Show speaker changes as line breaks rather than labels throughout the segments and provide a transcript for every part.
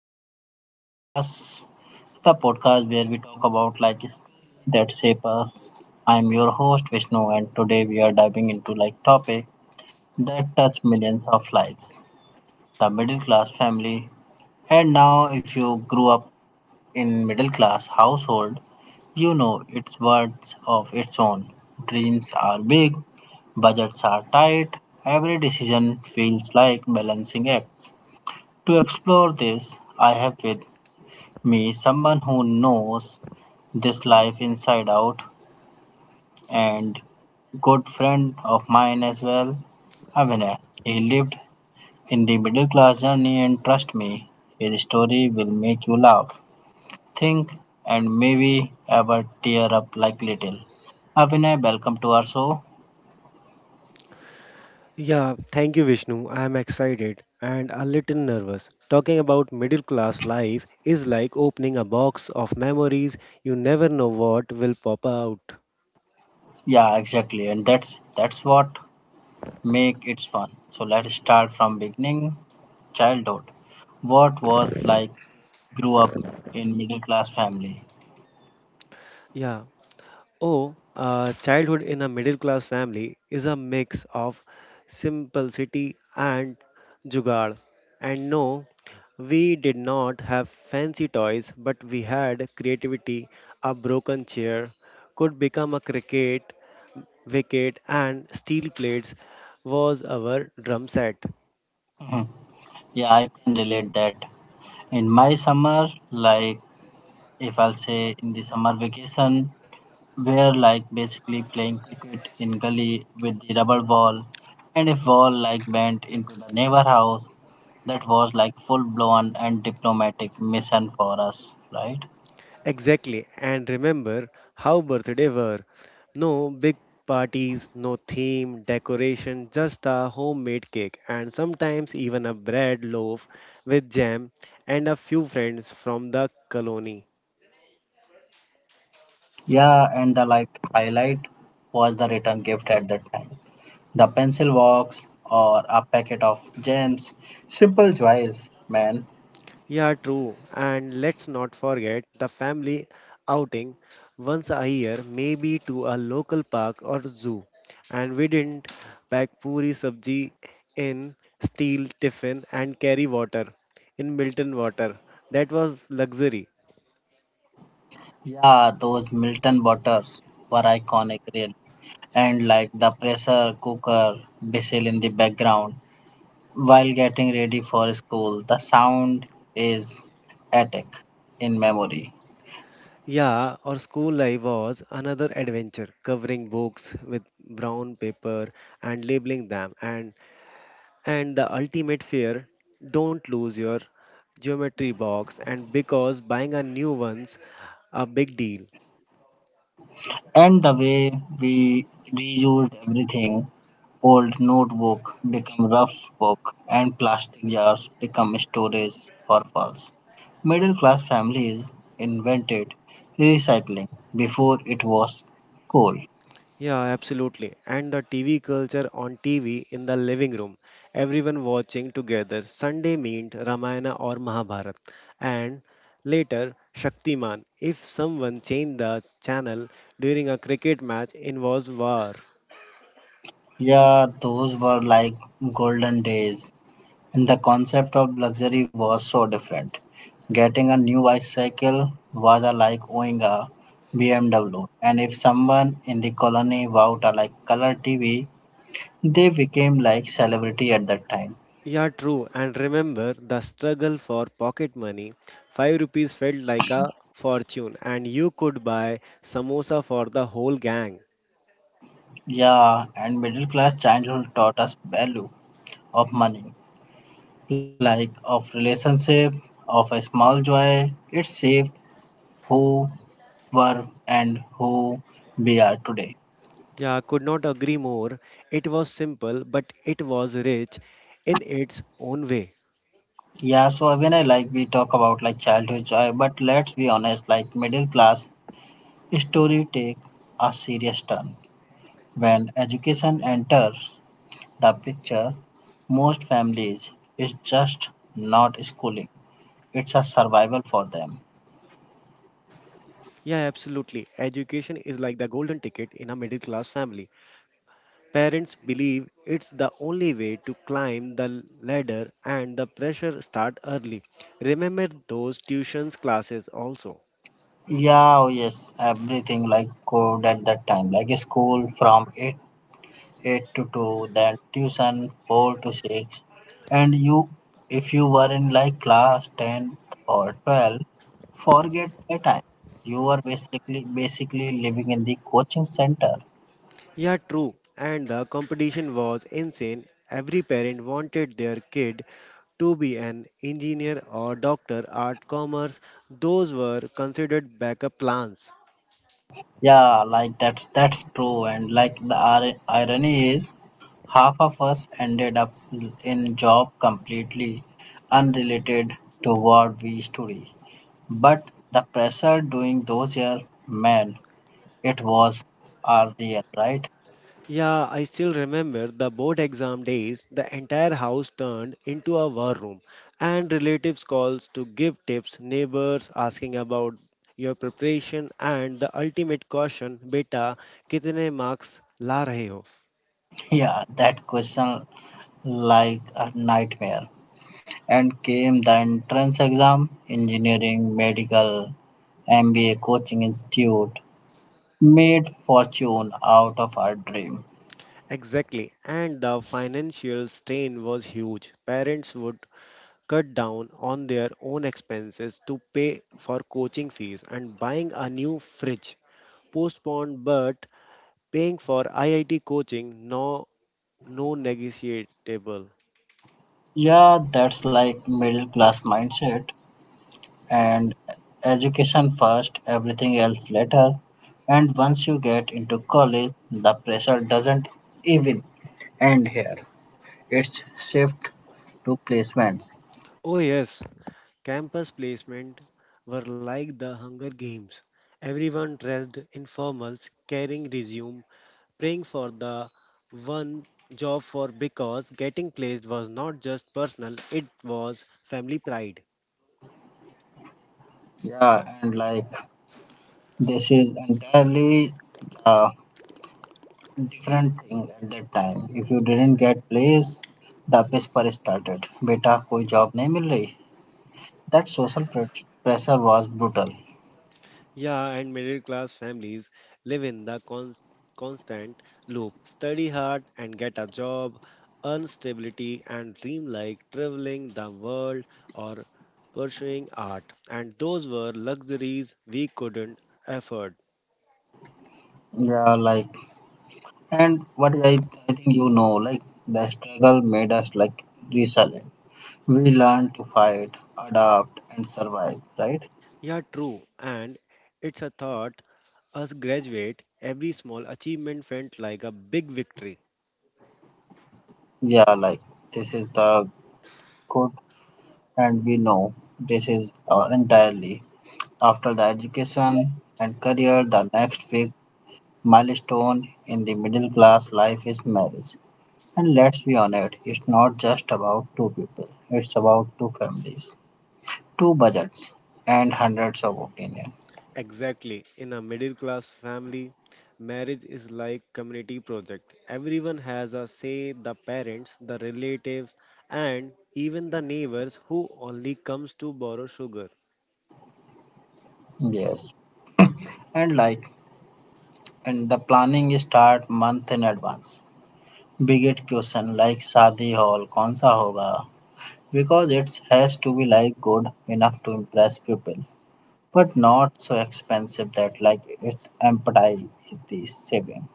Lines in Middle Class, the podcast where we talk about like stories that shape us. I'm your host Vishnu, and today we are diving into like topic that touch millions of lives, the middle class family. And now, if you grew up in middle class household, you know it's words of its own. Dreams are big, budgets are tight. Every decision feels like balancing act. To explore this, I have with me someone who knows this life inside out and good friend of mine as well, Avinay. He lived in the middle class journey and trust me, his story will make you laugh, think and maybe ever tear up like little. Avinay, welcome to our show.
Yeah, thank you, Vishnu. I am excited and a little nervous. Talking about middle class life is like opening a box of memories. You never know what will pop out.
Yeah, exactly. And that's what make it fun. So let's start from beginning. Childhood. What was like grew up in middle class family.
Yeah. Oh, Childhood in a middle class family is a mix of simplicity and jugaad. And no, we did not have fancy toys, but we had creativity. A broken chair could become a cricket wicket, and steel plates was our drum set.
Yeah, I can relate that. In my summer, like if I'll say in the summer vacation, we're like basically playing cricket in gully with the rubber ball, and if ball like bent into the neighbor house, that was like full blown and diplomatic mission for us, right?
Exactly, and remember how birthday were. No big parties, no theme, decoration, just a homemade cake and sometimes even a bread loaf with jam and a few friends from the colony.
Yeah, and the like highlight was the return gift at that time. The pencil box or a packet of gems. Simple joys, man.
Yeah, true. And let's not forget the family outing once a year, maybe to a local park or zoo. And we didn't pack puri sabji in steel tiffin and carry water in Milton water. That was luxury.
Yeah, those Milton butters were iconic really. And like the pressure cooker whistle in the background while getting ready for school. The sound is attic in memory.
Yeah, our school life was another adventure, covering books with brown paper and labeling them and the ultimate fear, don't lose your geometry box, and because buying a new one's a big deal.
And the way we reused everything old notebook become rough book and plastic jars become storage for files. Middle class families invented recycling before it was cool.
Yeah, absolutely. And the TV culture on TV in the living room, everyone watching together. Sunday meant Ramayana or Mahabharat, and later Shaktiman. If someone changed the channel during a cricket match, it was war.
Yeah, those were like golden days. And the concept of luxury was so different. Getting a new bicycle was a like owning a BMW. And if someone in the colony bought a like color TV, they became like celebrity at that time.
Yeah, true. And remember the struggle for pocket money. 5 rupees felt like a fortune, and you could buy samosa for the whole gang.
Yeah, and middle class childhood taught us value of money, like of relationship, of a small joy. It shaped who were and who we are today.
Yeah, could not agree more. It was simple, but it was rich in its own way.
Yeah, so when I like we talk about like childhood joy, but let's be honest, like middle class story take a serious turn. When education enters the picture, most families is just not schooling. It's a survival for them.
Yeah, absolutely. Education is like the golden ticket in a middle class family. Parents believe it's the only way to climb the ladder, and the pressure start early. Remember those tuitions classes also.
Yeah, oh yes, everything like code at that time, like school from eight 8 to 2, then tuition 4 to 6. And you, if you were in like class 10 or 12, forget that time. You were basically living in the coaching center.
Yeah, true. And the competition was insane. Every parent wanted their kid to be an engineer or doctor, art, commerce. Those were considered backup plans.
Yeah, like that's true. And like the irony is, half of us ended up in job completely unrelated to what we study. But the pressure during those years, man, it was unreal, right?
Yeah, I still remember the board exam days. The entire house turned into a war room, and relatives calls to give tips, neighbors asking about your preparation, and the ultimate caution, beta, kitne marks la rahe ho?
Yeah, that question like a nightmare. And came the entrance exam, engineering, medical, MBA coaching institute, made fortune out of our dream.
Exactly, and the financial strain was huge. Parents would cut down on their own expenses to pay for coaching fees and buying a new fridge. Postponed, but paying for IIT coaching, no, no negotiable.
Yeah, that's like middle class mindset and education first, everything else later. And once you get into college, the pressure doesn't even end here. Its shift to placements.
Oh yes, campus placement were like the Hunger Games. Everyone dressed in formals, carrying resume praying for the one job for because getting placed was not just personal, it was family pride.
Yeah, and like this is entirely a different thing at that time. If you didn't get place, the piss started. बेटा कोई job नहीं मिल रही. That social pressure was brutal.
Yeah, and middle class families live in the constant loop, study hard and get a job, earn stability, and dream like traveling the world or pursuing art. And those were luxuries we couldn't afford.
Yeah, like and what I think you know, like the struggle made us like resilient. We learned to fight, adapt, and survive. Right?
Yeah, true. And it's a thought. As graduate, every small achievement felt like a big victory.
Yeah, like this is the good. And we know this is entirely after the education and career, the next big milestone in the middle class life is marriage. And let's be honest, it's not just about two people, it's about two families, two budgets, and hundreds of opinions.
Exactly. In a middle class family, marriage is like community project. Everyone has a say, the parents, the relatives, and even the neighbors who only comes to borrow sugar.
Yes. And like, and the planning start month in advance. Biggest question like Shadi Hall, Konsa Hoga? Because it has to be like good enough to impress people, but not so expensive that like it empathy the saving.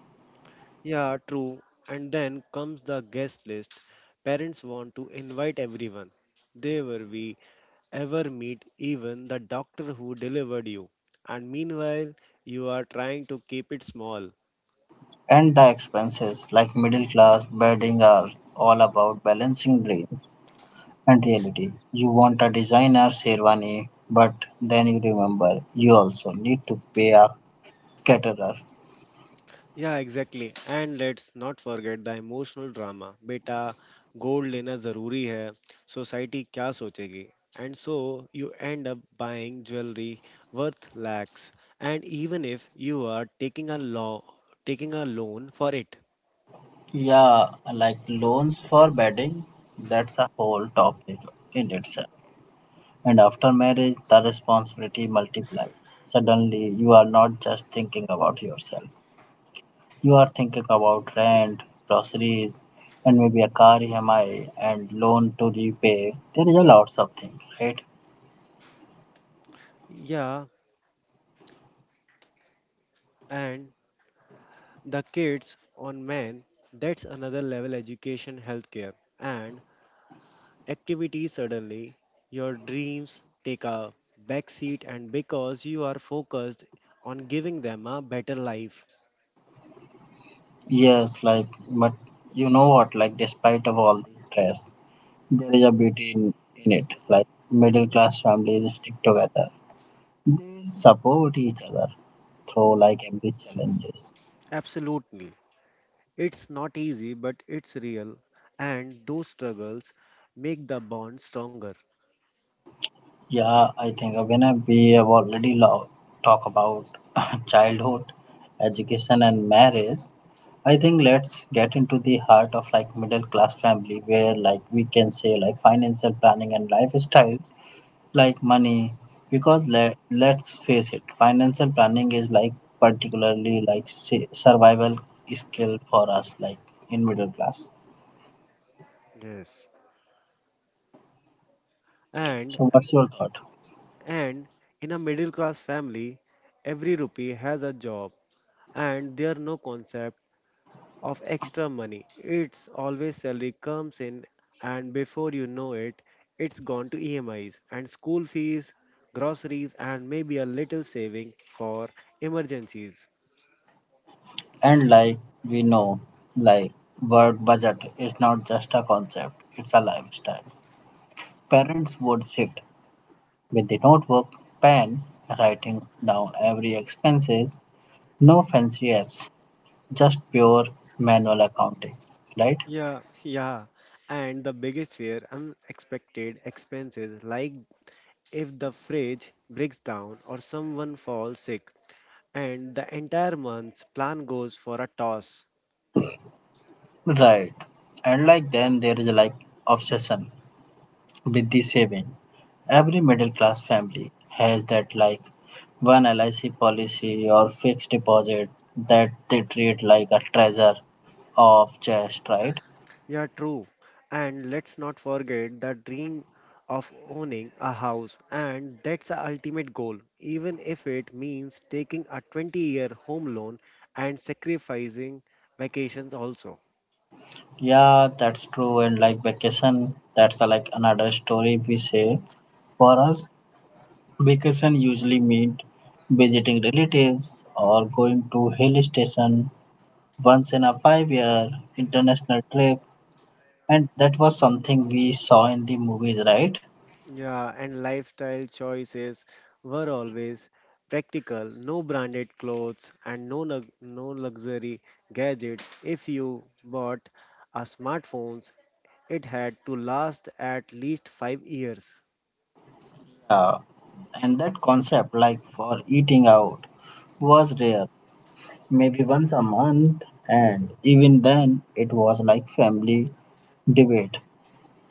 Yeah, true. And then comes the guest list. Parents want to invite everyone. There were we ever meet even the doctor who delivered you. And meanwhile, you are trying to keep it small.
And the expenses like middle class bedding are all about balancing dreams and reality. You want a designer sherwani, but then you remember you also need to pay a caterer.
Yeah, exactly. And let's not forget the emotional drama. बेटा gold लेना जरूरी है, society क्या सोचेगी. And so you end up buying jewelry worth lakhs, and even if you are taking a law taking a loan for it.
Yeah, like loans for bedding, that's a whole topic in itself. And after marriage, the responsibility multiply. Suddenly, you are not just thinking about yourself. You are thinking about rent, groceries, and maybe a car EMI and loan to repay. There is a lots of things, right?
Yeah, and the kids on men, that's another level, education, healthcare, and activity. Suddenly your dreams take a backseat, and because you are focused on giving them a better life.
Yes, like, but you know what? Like, despite of all this stress, there is a beauty in it. Like, middle class families stick together. They support each other through like every challenges.
Absolutely, it's not easy, but it's real, and those struggles make the bond stronger.
Yeah, I think when we have already talk about childhood, education, and marriage, I think let's get into the heart of like middle class family where like we can say like financial planning and lifestyle like money because let's face it financial planning is like particularly like survival skill for us like in middle class
Yes. and
so what's your thought.
and in a middle class family, every rupee has a job, and there are no concept of extra money. It's always salary comes in, and before you know it, it's gone to EMIs and school fees, groceries, and maybe a little saving for emergencies.
And like we know, like word budget is not just a concept, it's a lifestyle. Parents would sit with the notebook, pen, writing down every expenses, no fancy apps, just pure manual accounting, right?
Yeah, yeah. And the biggest fear, unexpected expenses, like if the fridge breaks down or someone falls sick, and the entire month's plan goes for a toss.
Right. And like then there is like obsession with the saving. Every middle class family has that like one LIC policy or fixed deposit that they treat like a treasure of chest, right?
Yeah, true. And let's not forget the dream of owning a house, and that's the ultimate goal, even if it means taking a 20-year home loan and sacrificing vacations also.
Yeah, that's true. And like vacation, that's a, like another story we say. For us, vacation usually meant visiting relatives or going to hill station once in a 5 year international trip. And that was something we saw in the movies, right?
Yeah, and lifestyle choices were always practical, no branded clothes and no luxury gadgets. If you bought a smartphones, it had to last at least 5 years.
Yeah. And that concept, like for eating out, was rare, maybe once a month. And even then, it was like family debate.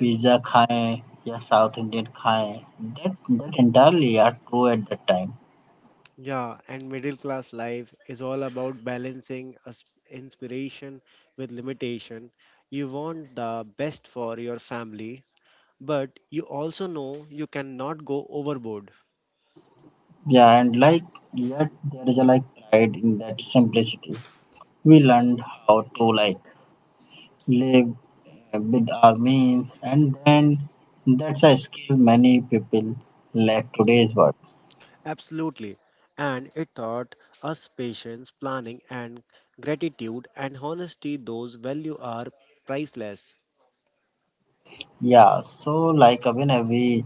Pizza खाएं या South Indian खाएं, that that entirely are true at that time.
Yeah, and middle class life is all about balancing inspiration with limitation. You want the best for your family, but you also know you cannot go overboard.
Yeah, and like yet there is a like pride in that simplicity. We learned how to like live with our means, and then that's a skill many people lack today's world.
Absolutely. And it taught us patience, planning, and gratitude and honesty. Those values are priceless.
Yeah, so like when we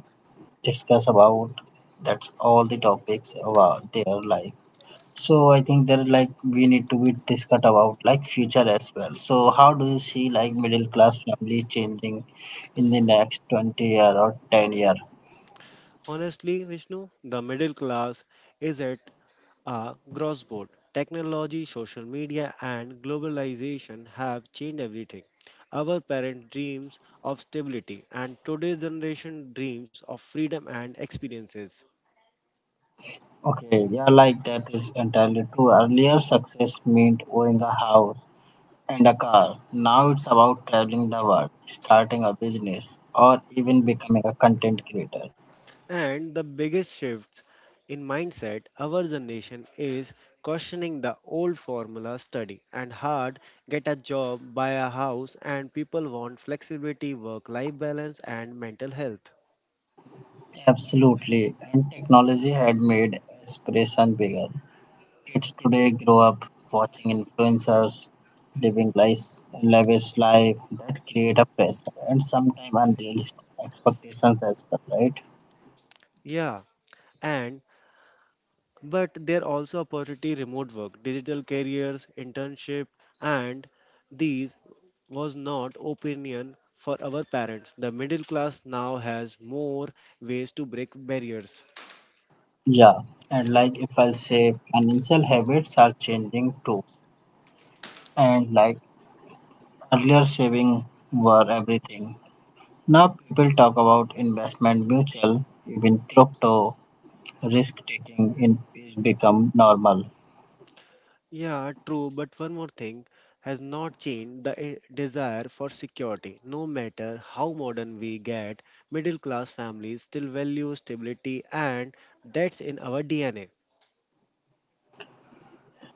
discuss about that's all the topics about their like. So I think there like we need to be discussed about like future as well. So how do you see like middle class family changing in the next 20 year or 10 year?
Honestly, Vishnu, the middle class is it are crossboard. Technology, social media, and globalization have changed everything. Our parent dreams of stability, and today's generation dreams of freedom and experiences.
Okay, yeah, like that is entirely true. Earlier success meant owning a house and a car. Now it's about traveling the world, starting a business, or even becoming a content creator.
And the biggest shifts in mindset, our generation is questioning the old formula, study and hard, get a job, buy a house, and people want flexibility, work life balance, and mental health.
Absolutely, and technology had made aspiration bigger. Kids today grow up watching influencers living lives, lavish life that create a pressure and sometimes unrealistic expectations as well, right?
Yeah, and but there are also opportunity, remote work, digital careers, internship, and these was not opinion for our parents. The middle class now has more ways to break barriers.
Yeah, and like if I'll say financial habits are changing too, and like earlier saving were everything. Now people talk about investment, mutual, even crypto, risk taking in is become normal.
Yeah, true, but one more thing has not changed, the desire for security. No matter how modern we get, middle class families still value stability, and that's in our DNA.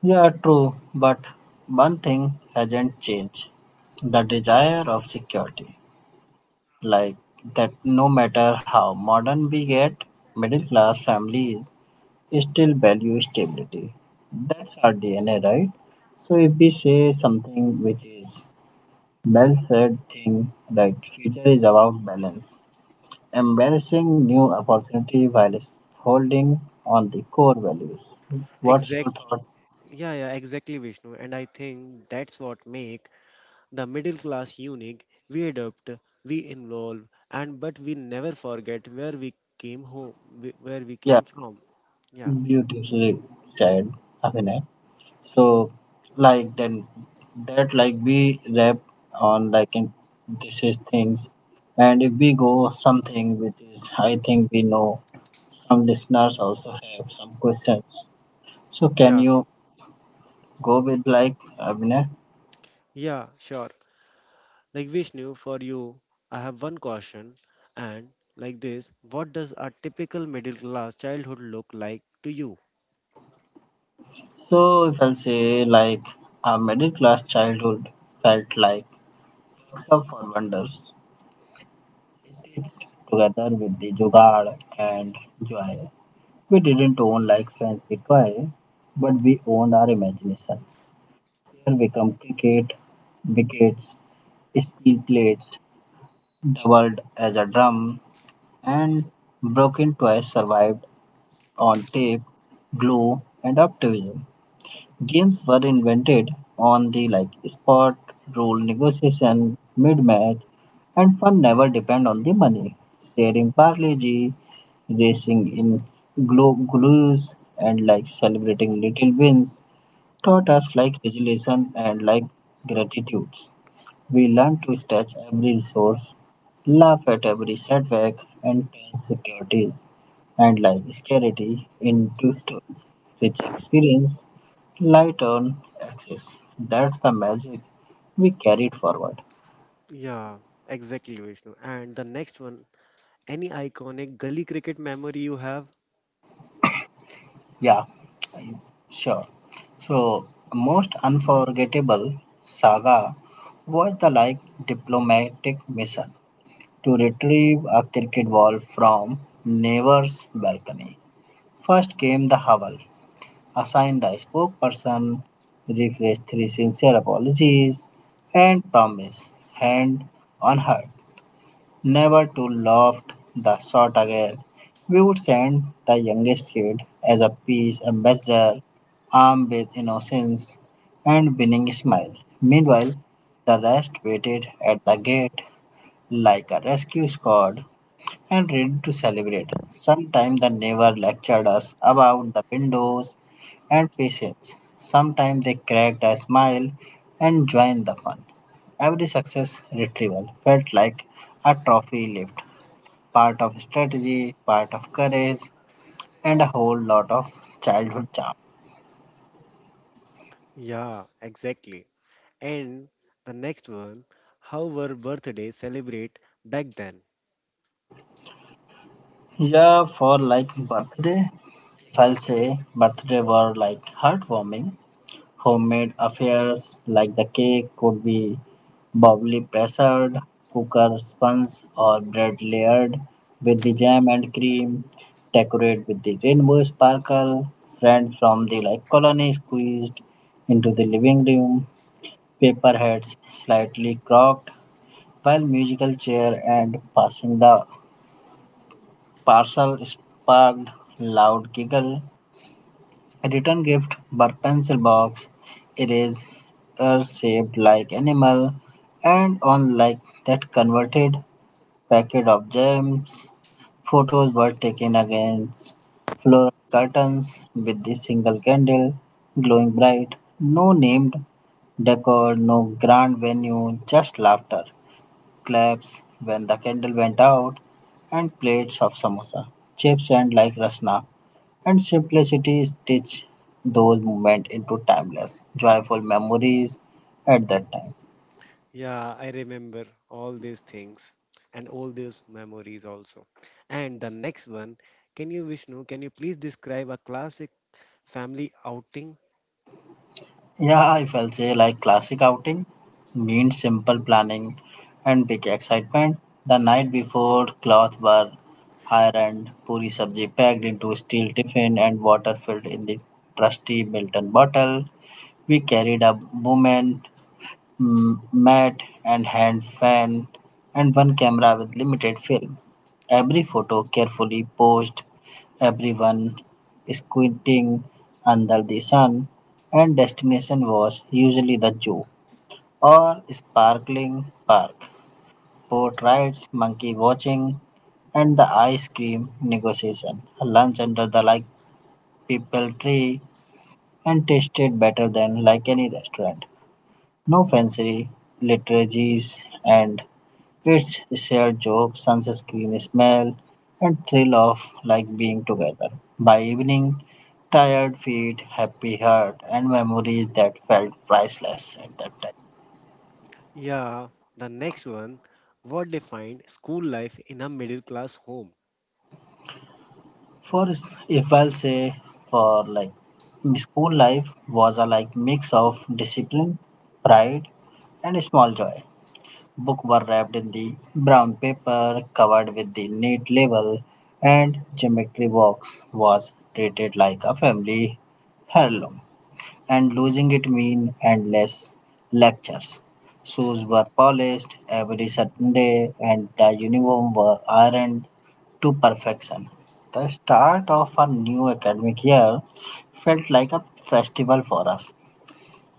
Yeah, true, but one thing hasn't changed the desire of security. Like that, no matter how modern we get, middle class families still value stability. That's our DNA, right? So, if we say something which is well said thing, right, future is about balance, embracing new opportunity while holding on the core values. What's your
Exact
thought?
Yeah, exactly, Vishnu, and I think that's what make the middle class unique. We adapt, we involve, and but we never forget where we came home where we
Yeah.
came from. yeah
Beautifully said, Abhinay. So, like then that like we wrap on like in this is things, and if we go something which is I think we know, some listeners also have some questions. So, can
yeah
you go with like Abhinay?
Yeah, sure. Like Vishnu, for you, I have one question. And like this, what does a typical middle class childhood look like to you?
So, if I'll say like a middle class childhood felt like except for wonders together with the jugaad and joy. We didn't own like fancy toy, but we owned our imagination. Here become cricket, wickets, steel plates, doubled as a drum, and broken toys survived on tape, glue, and optimism. Games were invented on the like spot, rule negotiation mid-match, and fun never depend on the money. Sharing parlay, racing in glues, and like celebrating little wins taught us like resilience and like gratitude. We learn to stretch every resource, laugh at every setback and turn securities and life scarcity into rich experience, light on access. That's the magic we carried forward.
Yeah, exactly, Vishnu. And the next one, any iconic gully cricket memory you have?
Yeah, I- sure. So, most unforgettable saga was the like diplomatic mission to retrieve a cricket ball from neighbor's balcony. First came the howl, assigned the spokesperson, refresh 3 sincere apologies, and promise, hand on heart, never to loft the sort again. We would send the youngest kid as a peace ambassador, armed with innocence and winning smile. Meanwhile, the rest waited at the gate like a rescue squad and ready to celebrate. Sometimes the neighbor lectured us about the windows and patience. Sometimes they cracked a smile and joined the fun. Every success retrieval felt like a trophy lift, part of strategy, part of courage, and a whole lot of childhood charm.
Yeah, exactly. And the next one, how were birthdays celebrate back then?
Yeah, for like birthday, if I'll say birthday were like heartwarming homemade affairs like the cake could be bubbly pressured cooker sponge or bread layered with the jam and cream. Decorate with the rainbow sparkle. Friend from the like colony squeezed into the living room. Paper hats slightly crocked while musical chair and passing the parcel sparked loud giggle. A return gift by pencil box. It is shaped like animal and on like that converted packet of gems. Photos were taken against floral curtains with the single candle glowing bright. No named decor, no grand venue, just laughter, claps when the candle went out, and plates of samosa, chips and like rasna and simplicity stitch those moments into timeless, joyful memories at that time.
Yeah, I remember all these things and all these memories also. And the next one, can you, Vishnu, can you please describe a classic family outing?
Yeah, if I'll say like classic outing means simple planning and big excitement. The night before, cloth were ironed, puri sabji packed into steel tiffin, and water filled in the trusty Milton bottle. We carried a woman matte and hand fan and one camera with limited film. Every photo carefully posed, everyone squinting under the sun, and destination was usually the zoo or sparkling park. Boat rides, monkey watching, and the ice cream negotiation. Lunch under the like people tree and tasted better than like any restaurant. No fancy liturgies and its shared jokes, sunscreen smell, and thrill of like being together. By evening, tired feet, happy heart, and memories that felt priceless at that time.
Yeah, the next one, what defined school life in a middle class home?
For if I'll say for like school life was a like mix of discipline, pride, and small joy. Book were wrapped in the brown paper covered with the neat label and geometry box was treated like a family heirloom and losing it mean endless lectures. Shoes were polished every Saturday and the uniform were ironed to perfection. The start of a new academic year felt like a festival for us.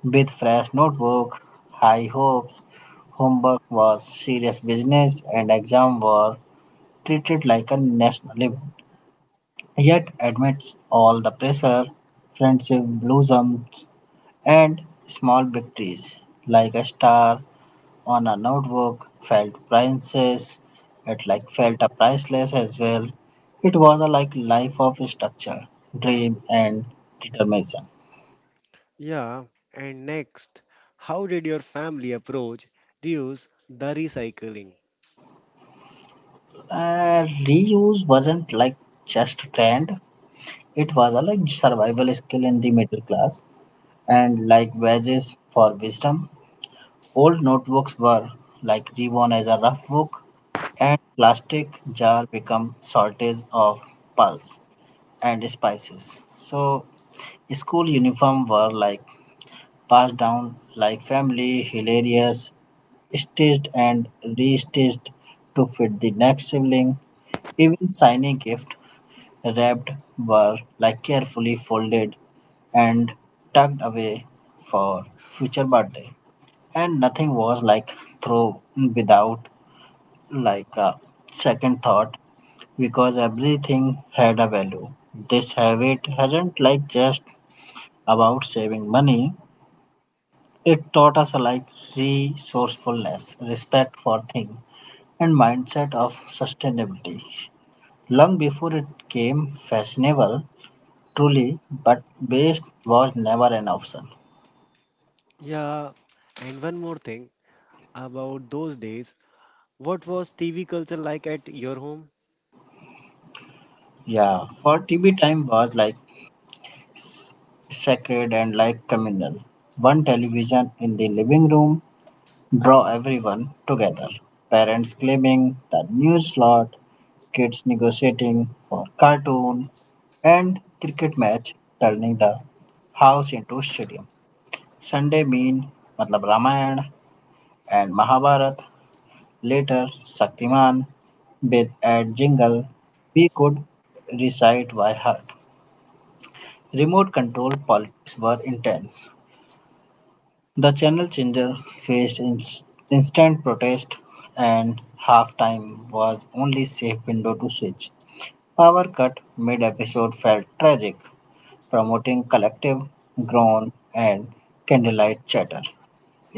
With fresh notebook, high hopes, homework was serious business and exams were treated like a national event. Yet amidst all the pressure, friendship blossoms and small victories like a star on a notebook felt priceless. It like felt a priceless as well. It was a like life of structure, dream and determination.
Yeah, and next, how did your family approach reuse the recycling?
Reuse wasn't like just trend. It was a like survival skill in the middle class, and like wages for wisdom, old notebooks were like reworn as a rough book, and plastic jar become shortage of pulse and spices. So school uniform were like passed down like family hilarious stitched and restitched to fit the next sibling. Even shiny gift wrapped were like carefully folded and tucked away for future birthday, and nothing was like thrown without like a second thought because everything had a value. This habit hasn't like just about saving money. It taught us like resourcefulness, respect for things, and mindset of sustainability long before it came fashionable. Truly, but best was never an option.
Yeah, and one more thing, about those days. What was TV culture like at your home?
Yeah, for TV time was like sacred and like communal. One television in the living room draw everyone together. Parents claiming the new slot, kids negotiating for cartoon, and cricket match turning the house into stadium. Sunday mean मतलब Ramayan and Mahabharat. Later, Shaktiman, with ad jingle we could recite by heart. Remote control politics were intense. The channel changer faced instant protest, and halftime was only safe window to switch. Power cut mid episode felt tragic, promoting collective groan and candlelight chatter.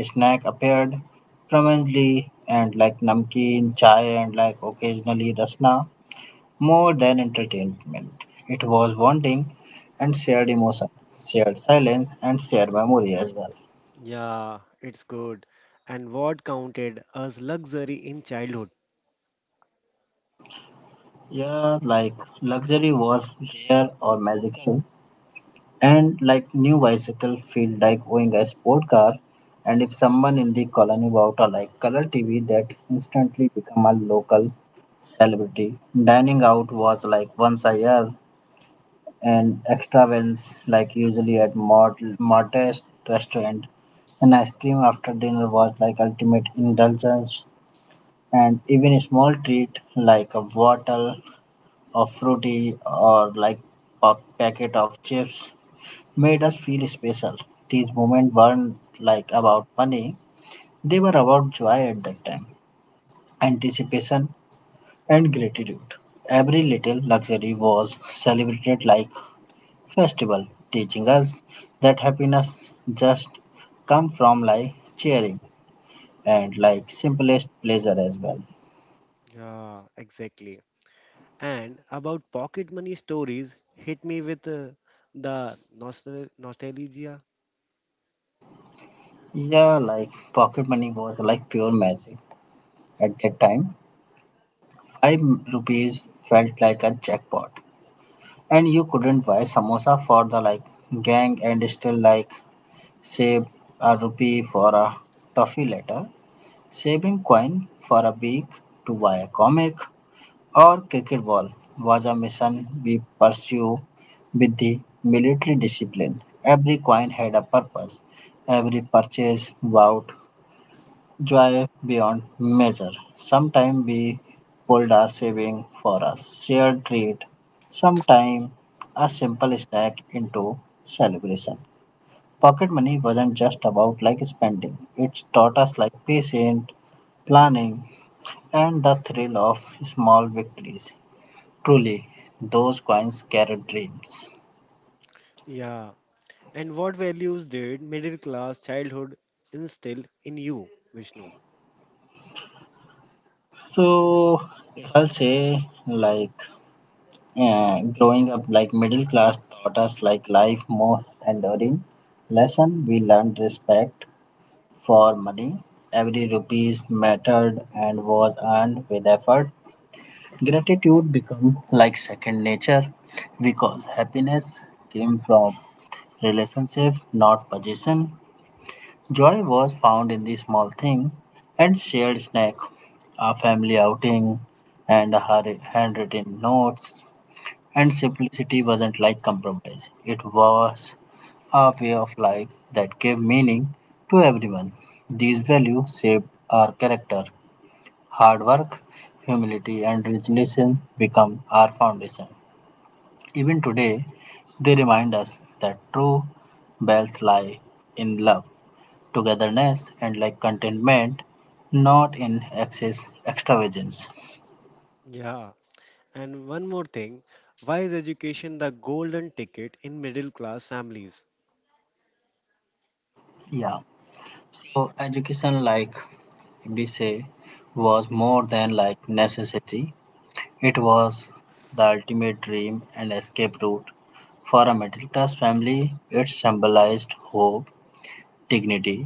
Snack appeared prominently and like namkeen, chai, and like occasionally rasna. More than entertainment, it was bonding and shared emotion, shared silence, and shared memory as well.
Yeah, it's good. And what counted as luxury in childhood?
Yeah, like luxury was rare or magical, and like new bicycle feel like owning a sport car. And if someone in the colony bought a like color TV, that instantly become a local celebrity. Dining out was like once a year, and extra wins, like usually at modest restaurant. An ice cream after dinner was like ultimate indulgence, and even a small treat like a bottle of fruity or like a packet of chips made us feel special. These moments weren't like about money; they were about joy at that time, anticipation, and gratitude. Every little luxury was celebrated like festival, teaching us that happiness just come from like cheering and like simplest pleasure as well.
Yeah, exactly. And about pocket money stories hit me with the nostalgia.
Yeah, like pocket money was like pure magic. At that time, 5 rupees felt like a jackpot, and you couldn't buy samosa for the like gang and still like save a rupee for a toffee later, saving coin for a week to buy a comic. Our cricket ball was a mission we pursued with the military discipline. Every coin had a purpose. Every purchase vowed joy beyond measure. Sometimes we pulled our saving for a shared treat. Sometimes a simple snack into celebration. Pocket money wasn't just about like spending. It taught us like patience, planning, and the thrill of small victories. Truly, those coins carry dreams.
Yeah. And what values did middle class childhood instill in you, Vishnu?
So I'll say like growing up like middle class taught us like life most enduring lesson we learned respect for money. Every rupees mattered and was earned with effort. Gratitude become like second nature because happiness came from relationship, not position. Joy was found in the small thing and shared snack, a family outing, and her handwritten notes. And simplicity wasn't like compromise. It was a way of life that gave meaning to everyone. These values shaped our character. Hard work, humility, and resilience become our foundation. Even today, they remind us that true wealth lies in love togetherness and like contentment, not in excess extravagance.
Yeah. And one more thing, why is education the golden ticket in middle class families?
Yeah. So education, like we say, was more than like necessity. It was the ultimate dream and escape route for a middle class family. It symbolized hope, dignity,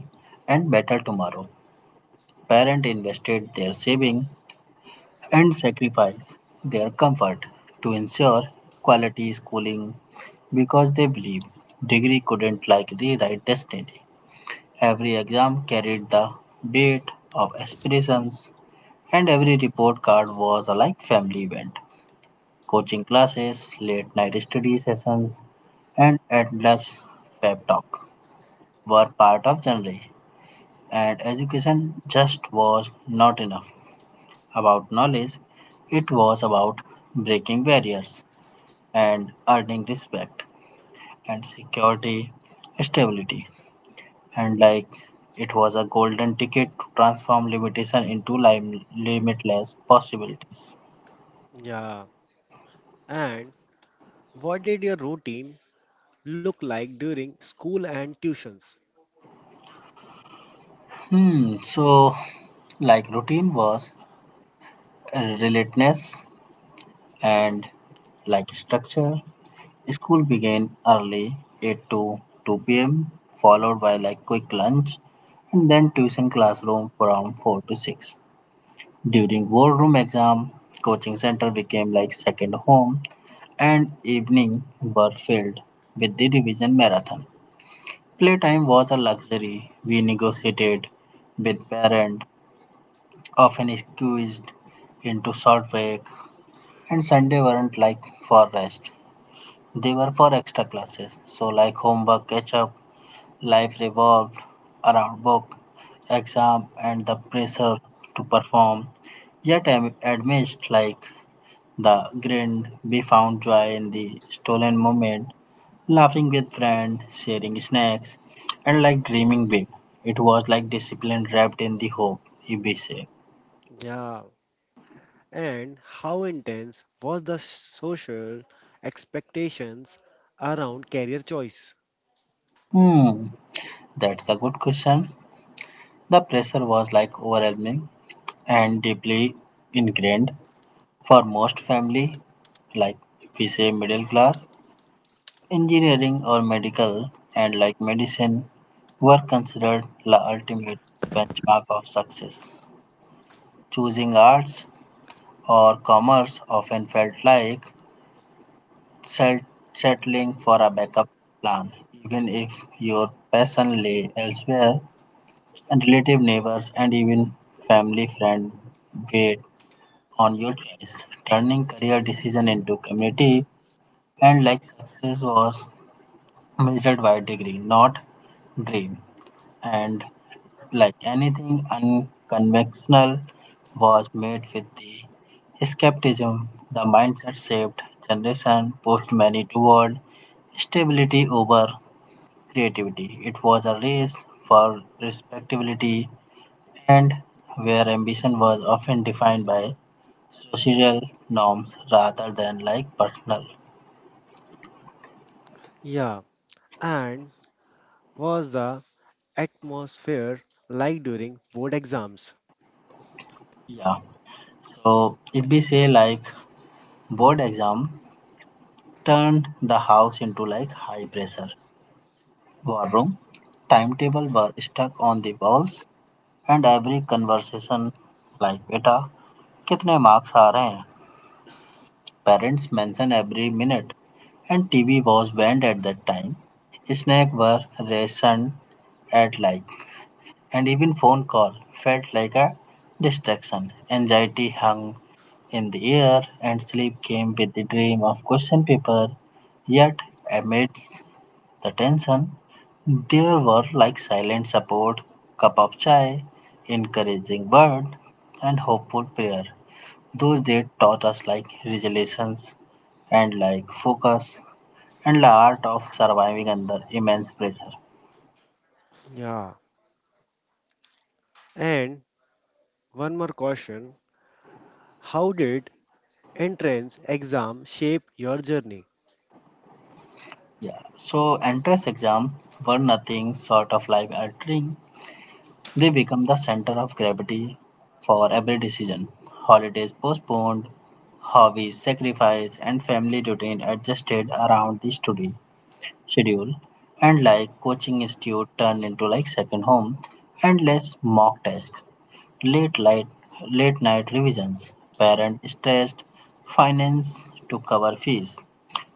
and better tomorrow. Parents invested their saving and sacrifice their comfort to ensure quality schooling because they believe degree couldn't like rewrite destiny. Every exam carried the weight of aspirations and every report card was a like family event. Coaching classes, late night study sessions, and endless pep talk were part of genre and education just was not enough about knowledge, it was about breaking barriers and earning respect and security, stability. And like it was a golden ticket to transform limitation into limitless possibilities.
Yeah. And what did your routine look like during school and tuitions?
Hmm, so like routine was relentless and like structure. School began early, 8 to 2 p.m., followed by like quick lunch and then tuition classroom from 4 to 6. During board room exam, coaching center became like second home and evening were filled with the revision marathon. Playtime was a luxury we negotiated with parent, often squeezed into short break and Sunday weren't like for rest. They were for extra classes, so like homework catch up, life revolved around work, exam, and the pressure to perform. Yet, amidst like the grind, we found joy in the stolen moment, laughing with friends, sharing snacks, and like dreaming big. It was like discipline wrapped in the hope, if we say.
Yeah. And how intense was the social expectations around career choice?
Hmm, that's a good question. The pressure was like overwhelming and deeply ingrained. For most family, like if we say middle class, engineering or medical and like medicine were considered the ultimate benchmark of success. Choosing arts or commerce often felt like sel- settling for a backup plan, even if your passion lay elsewhere and relative neighbors and even family friends weighed on your choice. Turning career decision into community. And like success was measured by degree, not dream. And like anything unconventional was made with the skepticism, the mindset shaped generation pushed many toward stability over creativity. It was a race for respectability and where ambition was often defined by social norms rather than like personal.
Yeah. And was the atmosphere like during board exams?
Yeah. So if we say like board exam turned the house into like high pressure war room. Timetable were stuck on the walls and every conversation like beta कितने marks आ रहे हैं? Parents mention every minute and TV was banned at that time. Snacks were rationed at like and even phone call felt like a distraction. Anxiety hung in the air, and sleep came with the dream of question paper. Yet, amidst the tension, there were like silent support, cup of chai, encouraging word, and hopeful prayer. Those days taught us like resilience and like focus and the art of surviving under immense pressure.
Yeah. And one more question. How did entrance exam shape your journey?
Yeah, so entrance exam were nothing short of life altering. They become the center of gravity for every decision. Holidays postponed, hobbies sacrificed, and family routine adjusted around the study schedule. And like coaching institute turned into like second home and less mock test. Late night, late night revisions, parent stressed, finance to cover fees,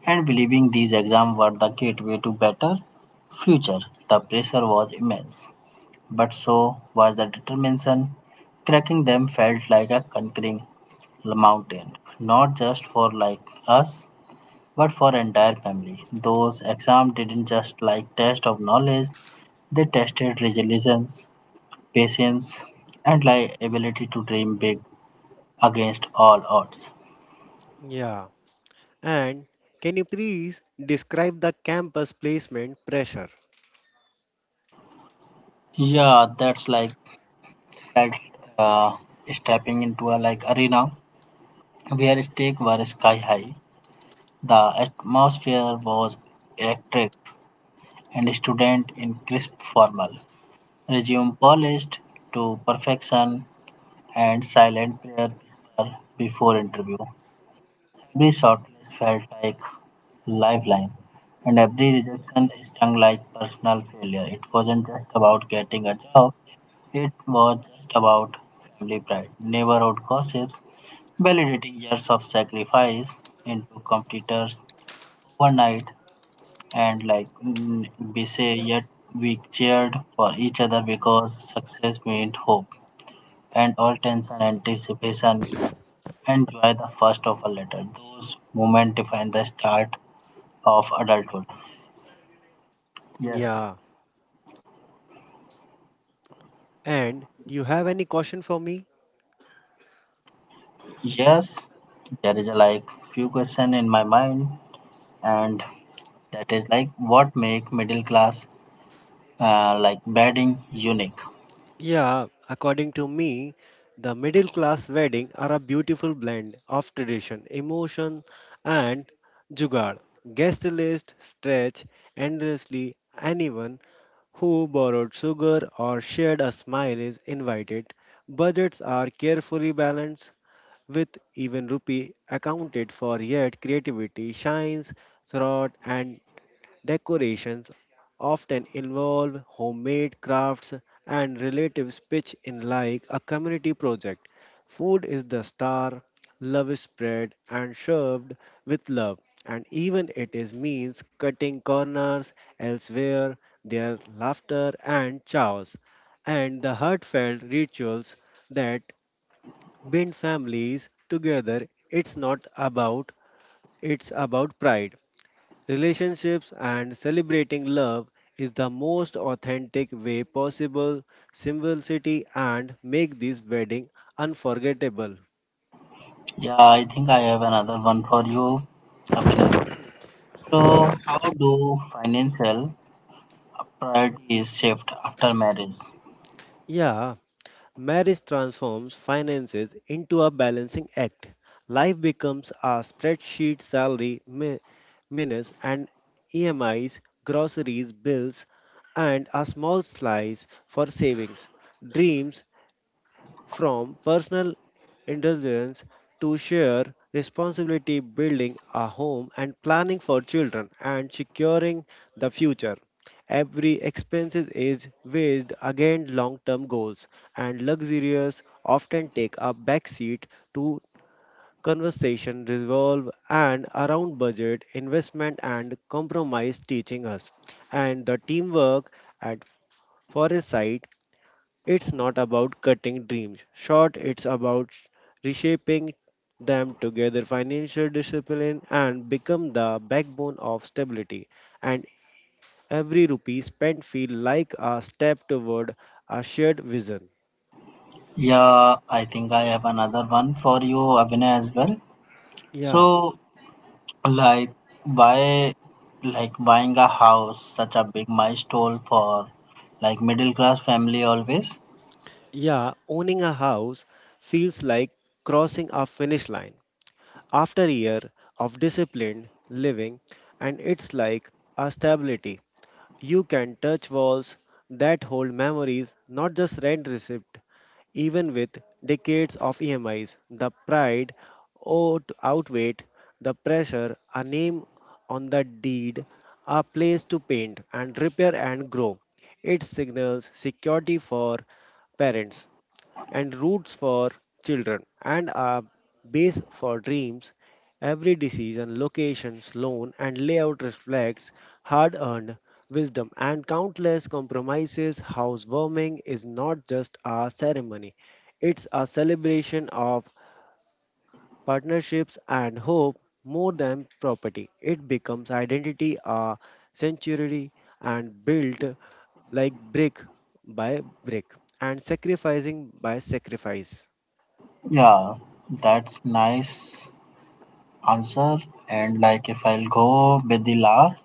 and believing these exams were the gateway to better future. The pressure was immense, but so was the determination. Cracking them felt like a conquering mountain, not just for like us, but for entire family. Those exams didn't just like test of knowledge; they tested resilience, patience, and like ability to dream big against all odds.
Yeah. And can you please describe the campus placement pressure?
Yeah, that's like felt uh, stepping into a like arena where stakes were sky high. The atmosphere was electric, and student in crisp formal resume polished to perfection and silent prayer paper before interview. Every shortlist felt like lifeline, and every rejection stung like personal failure. It wasn't just about getting a job, it was just about family pride, neighborhood gossips, validating years of sacrifice into competitors overnight, and we say, yet we cheered for each other because success meant hope, and all tension, anticipation, and joy the first of a letter. Those moments define the start of adulthood. Yes,
Yeah. And you have any caution for me?
yes, there is a like few question in my mind, and that is like what make middle class like bedding unique.
Yeah, according to me, the middle class wedding are a beautiful blend of tradition, emotion, and jugaad. Guest list stretch endlessly. Anyone who borrowed sugar or shared a smile is invited. Budgets are carefully balanced, with even rupee accounted for. Yet creativity shines throughout, and decorations often involve homemade crafts and relatives pitch in like a community project. Food is the star, love is spread and served with love, and even it is means cutting corners elsewhere, their laughter and chows, and the heartfelt rituals that bind families together. It's not about It's about pride, relationships, and celebrating love is the most authentic way possible, simplicity and make this wedding unforgettable.
Yeah, I think I have another one for you, Abhinay. So, how do financial priorities shift after marriage?
Yeah, marriage transforms finances into a balancing act. Life becomes a spreadsheet, salary minus and EMIs, groceries, bills, and a small slice for savings. Dreams from personal indulgence to shared responsibility, building a home and planning for children and securing the future. Every expense is weighed against long-term goals, and luxurious often take a backseat to conversation revolve and around budget, investment, and compromise, teaching us and the teamwork at foresight. It's not about cutting dreams short, it's about reshaping them together. Financial discipline and become the backbone of stability, and every rupee spent feel like a step toward a shared vision.
Yeah, I think I have another one for you, Abhinay, as well. So,
yeah
like buy buying a house such a big milestone for like middle class family always?
yeah, owning a house feels like crossing a finish line after a year of disciplined living, and it's like a stability. You can touch walls that hold memories, not just rent receipt. Even with decades of EMIs, the pride outweighed the pressure, a name on the deed, a place to paint and repair and grow. It signals security for parents and roots for children and a base for dreams. Every decision, location, loan, and layout reflects hard earned wisdom and countless compromises. Housewarming is not just a ceremony, it's a celebration of partnerships and hope, more than property. It becomes identity, a sanctuary, and built like brick by brick and sacrificing by sacrifice.
Yeah, that's nice answer. And like if I'll go with the last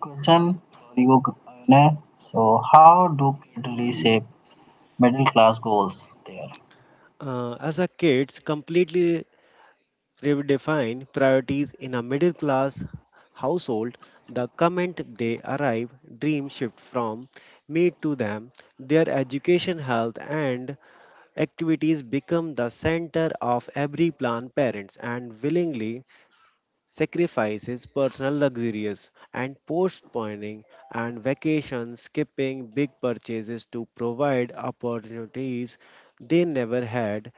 question for you, Gunne. So how do kids reshape middle class goals there?
As a kids, completely redefine priorities in a middle class household. The comment they arrive, dream shift from me to them, their education, health, and activities become the center of every plan. Parents and willingly sacrifices personal luxuries and postponing and vacations, skipping big purchases to provide opportunities they never had.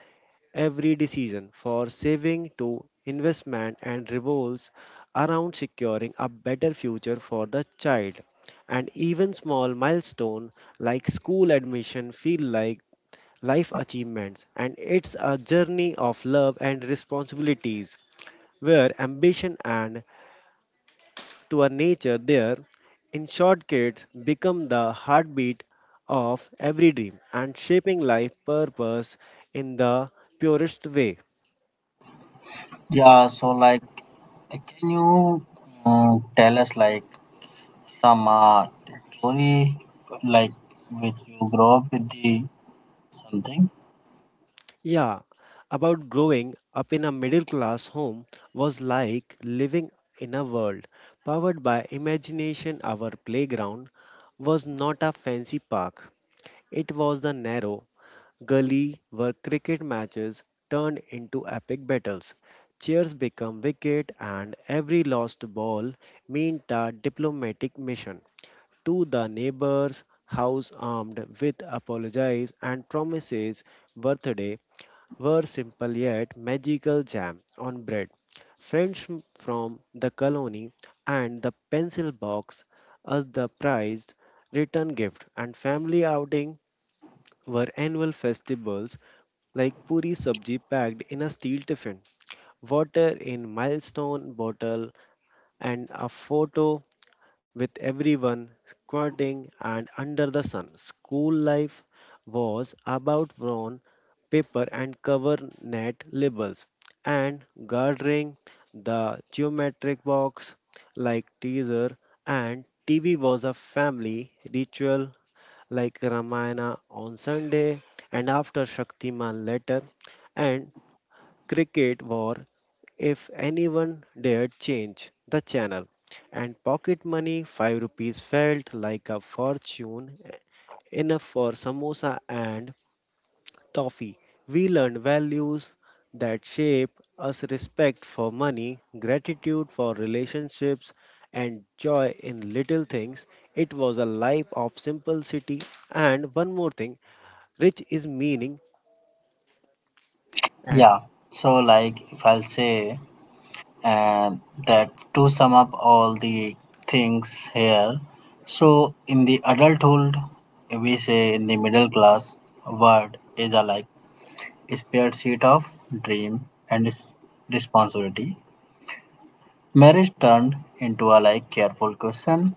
Every decision for saving to investment and revolves around securing a better future for the child. And even small milestones like school admission feel like life achievements, and it's a journey of love and responsibilities where ambition and to a nature there. In short, kids become the heartbeat of every dream and shaping life purpose in the purest way.
Yeah, so like can you tell us like some story like which you grow up with the something.
Yeah, about growing up in a middle class home was like living in a world powered by imagination. Our playground was not a fancy park, it was the narrow gully where cricket matches turned into epic battles. Chairs become wicket, and every lost ball meant a diplomatic mission to the neighbor's house armed with apologies and promises. Birthday were simple yet magical, jam on bread. Friends from the colony and the pencil box as the prized return gift, and family outing were annual festivals like puri sabji packed in a steel tiffin, water in milestone bottle, and a photo with everyone squirting and under the sun. School life was about brown paper and cover net labels and guarding the geometric box like teaser, and TV was a family ritual like Ramayana on Sunday and after Shaktiman later and cricket war if anyone dared change the channel. And pocket money, 5 rupees felt like a fortune, enough for samosa and toffee. We learned values that shape us, respect for money, gratitude for relationships, and joy in little things. It was a life of simplicity, and one more thing, rich is meaning. and
Yeah, so like if I'll say and that to sum up all the things here, so in the adulthood we say in the middle class word is a like spare sheet of dream and responsibility. Marriage turned into a like careful question,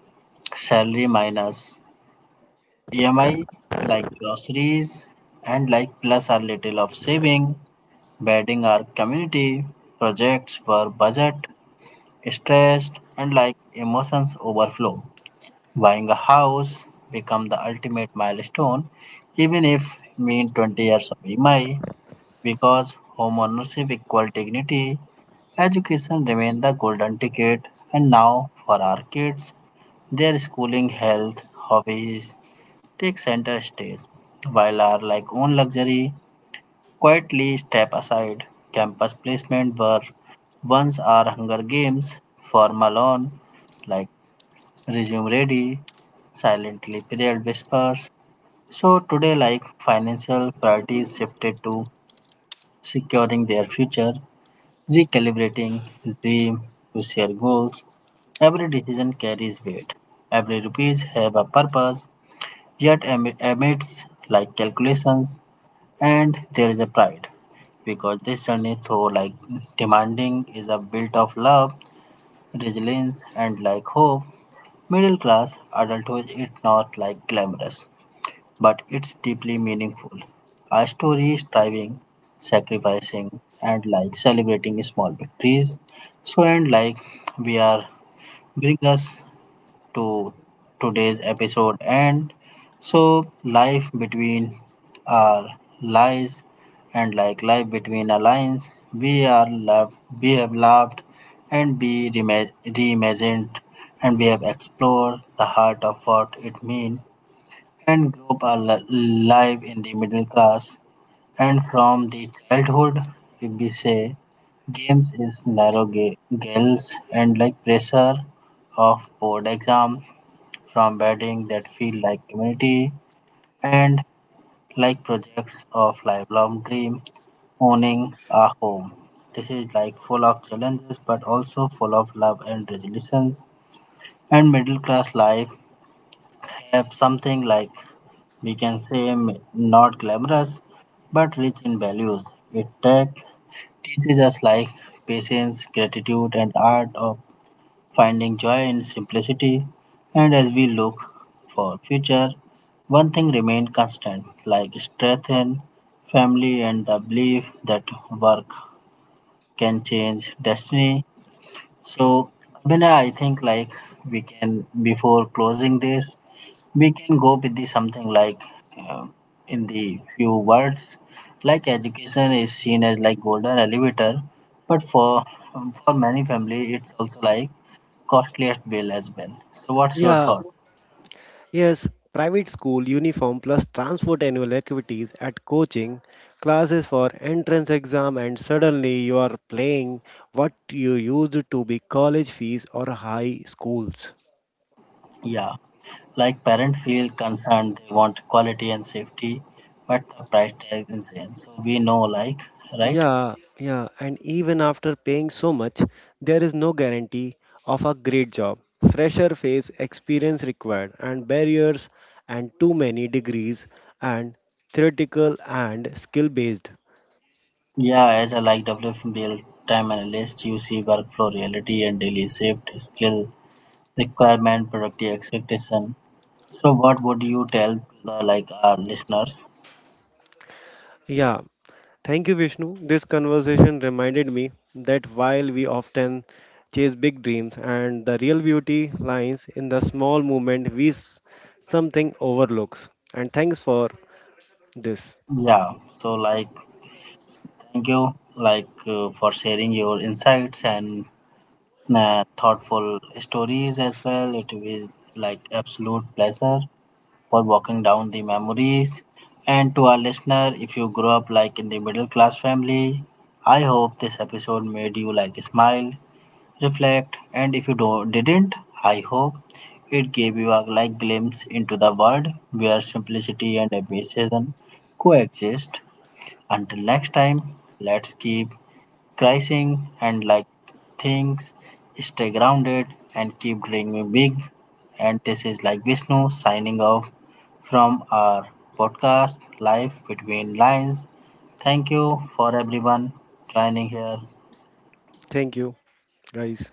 salary minus EMI, like groceries, and like plus a little of saving. Weddings are community projects where budget, stress, and like emotions overflow. Buying a house become the ultimate milestone, even if it means 20 years of EMI, because homeownership equal dignity. Education remain the golden ticket, and now for our kids, their schooling, health, hobbies take center stage, while our like own luxury quietly step aside. Campus placement were once our Hunger Games, formal on, like resume ready, silently period whispers. So today, like financial priorities shifted to securing their future, recalibrating dream to share goals. Every decision carries weight. Every rupees have a purpose. Yet amidst like calculations, and there is a pride because this journey though like demanding is a built of love, resilience, and like hope. Middle class adulthood is not like glamorous, but it's deeply meaningful, a story is striving, sacrificing, and like celebrating small victories. So and like we are bring us to today's episode. And so, life between our lies and like life between our lines, we are loved, we have loved, and we reimagined, and we have explored the heart of what it means and group our life in the middle class. And from the childhood, if we say games is narrow girls and like pressure of board exam, from bedding that feel like community and like projects of lifelong dream, owning a home. This is like full of challenges but also full of love and resilience. And middle class life have something like we can say not glamorous but rich in values. It tech teaches us like patience, gratitude, and art of finding joy in simplicity. And as we look for future, one thing remained constant, like strength in family and the belief that work can change destiny. So, Abhinay, I think like we can before closing this, we can go with the something like uh, in the few words, like education is seen as like golden elevator, but for many family it's also like costliest bill as well. So what's your
Yeah,
thought?
Yes, private school uniform plus transport annual activities at coaching, classes for entrance exam, and suddenly you are paying what you used to be college fees or high schools.
Yeah, like parents feel concerned, they want quality and safety, but the price tag is insane. So we know like right.
Yeah, and even after paying so much, there is no guarantee of a great job. Fresher face, experience required, and barriers, and too many degrees, and theoretical and skill based.
Yeah, as a like WFM real time analyst, you see workflow reality and daily shift skill requirement, productive expectation. So what would you tell to the like our listeners?
Yeah, thank you, Vishnu. This conversation reminded me that while we often chase big dreams and the real beauty lies in the small movement we something overlooks. And thanks for this.
Yeah. So like thank you like for sharing your insights and thoughtful stories as well. It was like absolute pleasure for walking down the memories. And to our listener, if you grew up like in the middle class family, I hope this episode made you like smile reflect, and if you do, didn't, I hope it gave you a like glimpse into the world where simplicity and ambition coexist. Until next time, let's keep crising and like things, stay grounded and keep dreaming big. And this is like Vishnu signing off from our podcast Life Between Lines. Thank you for everyone joining here.
Thank you, guys.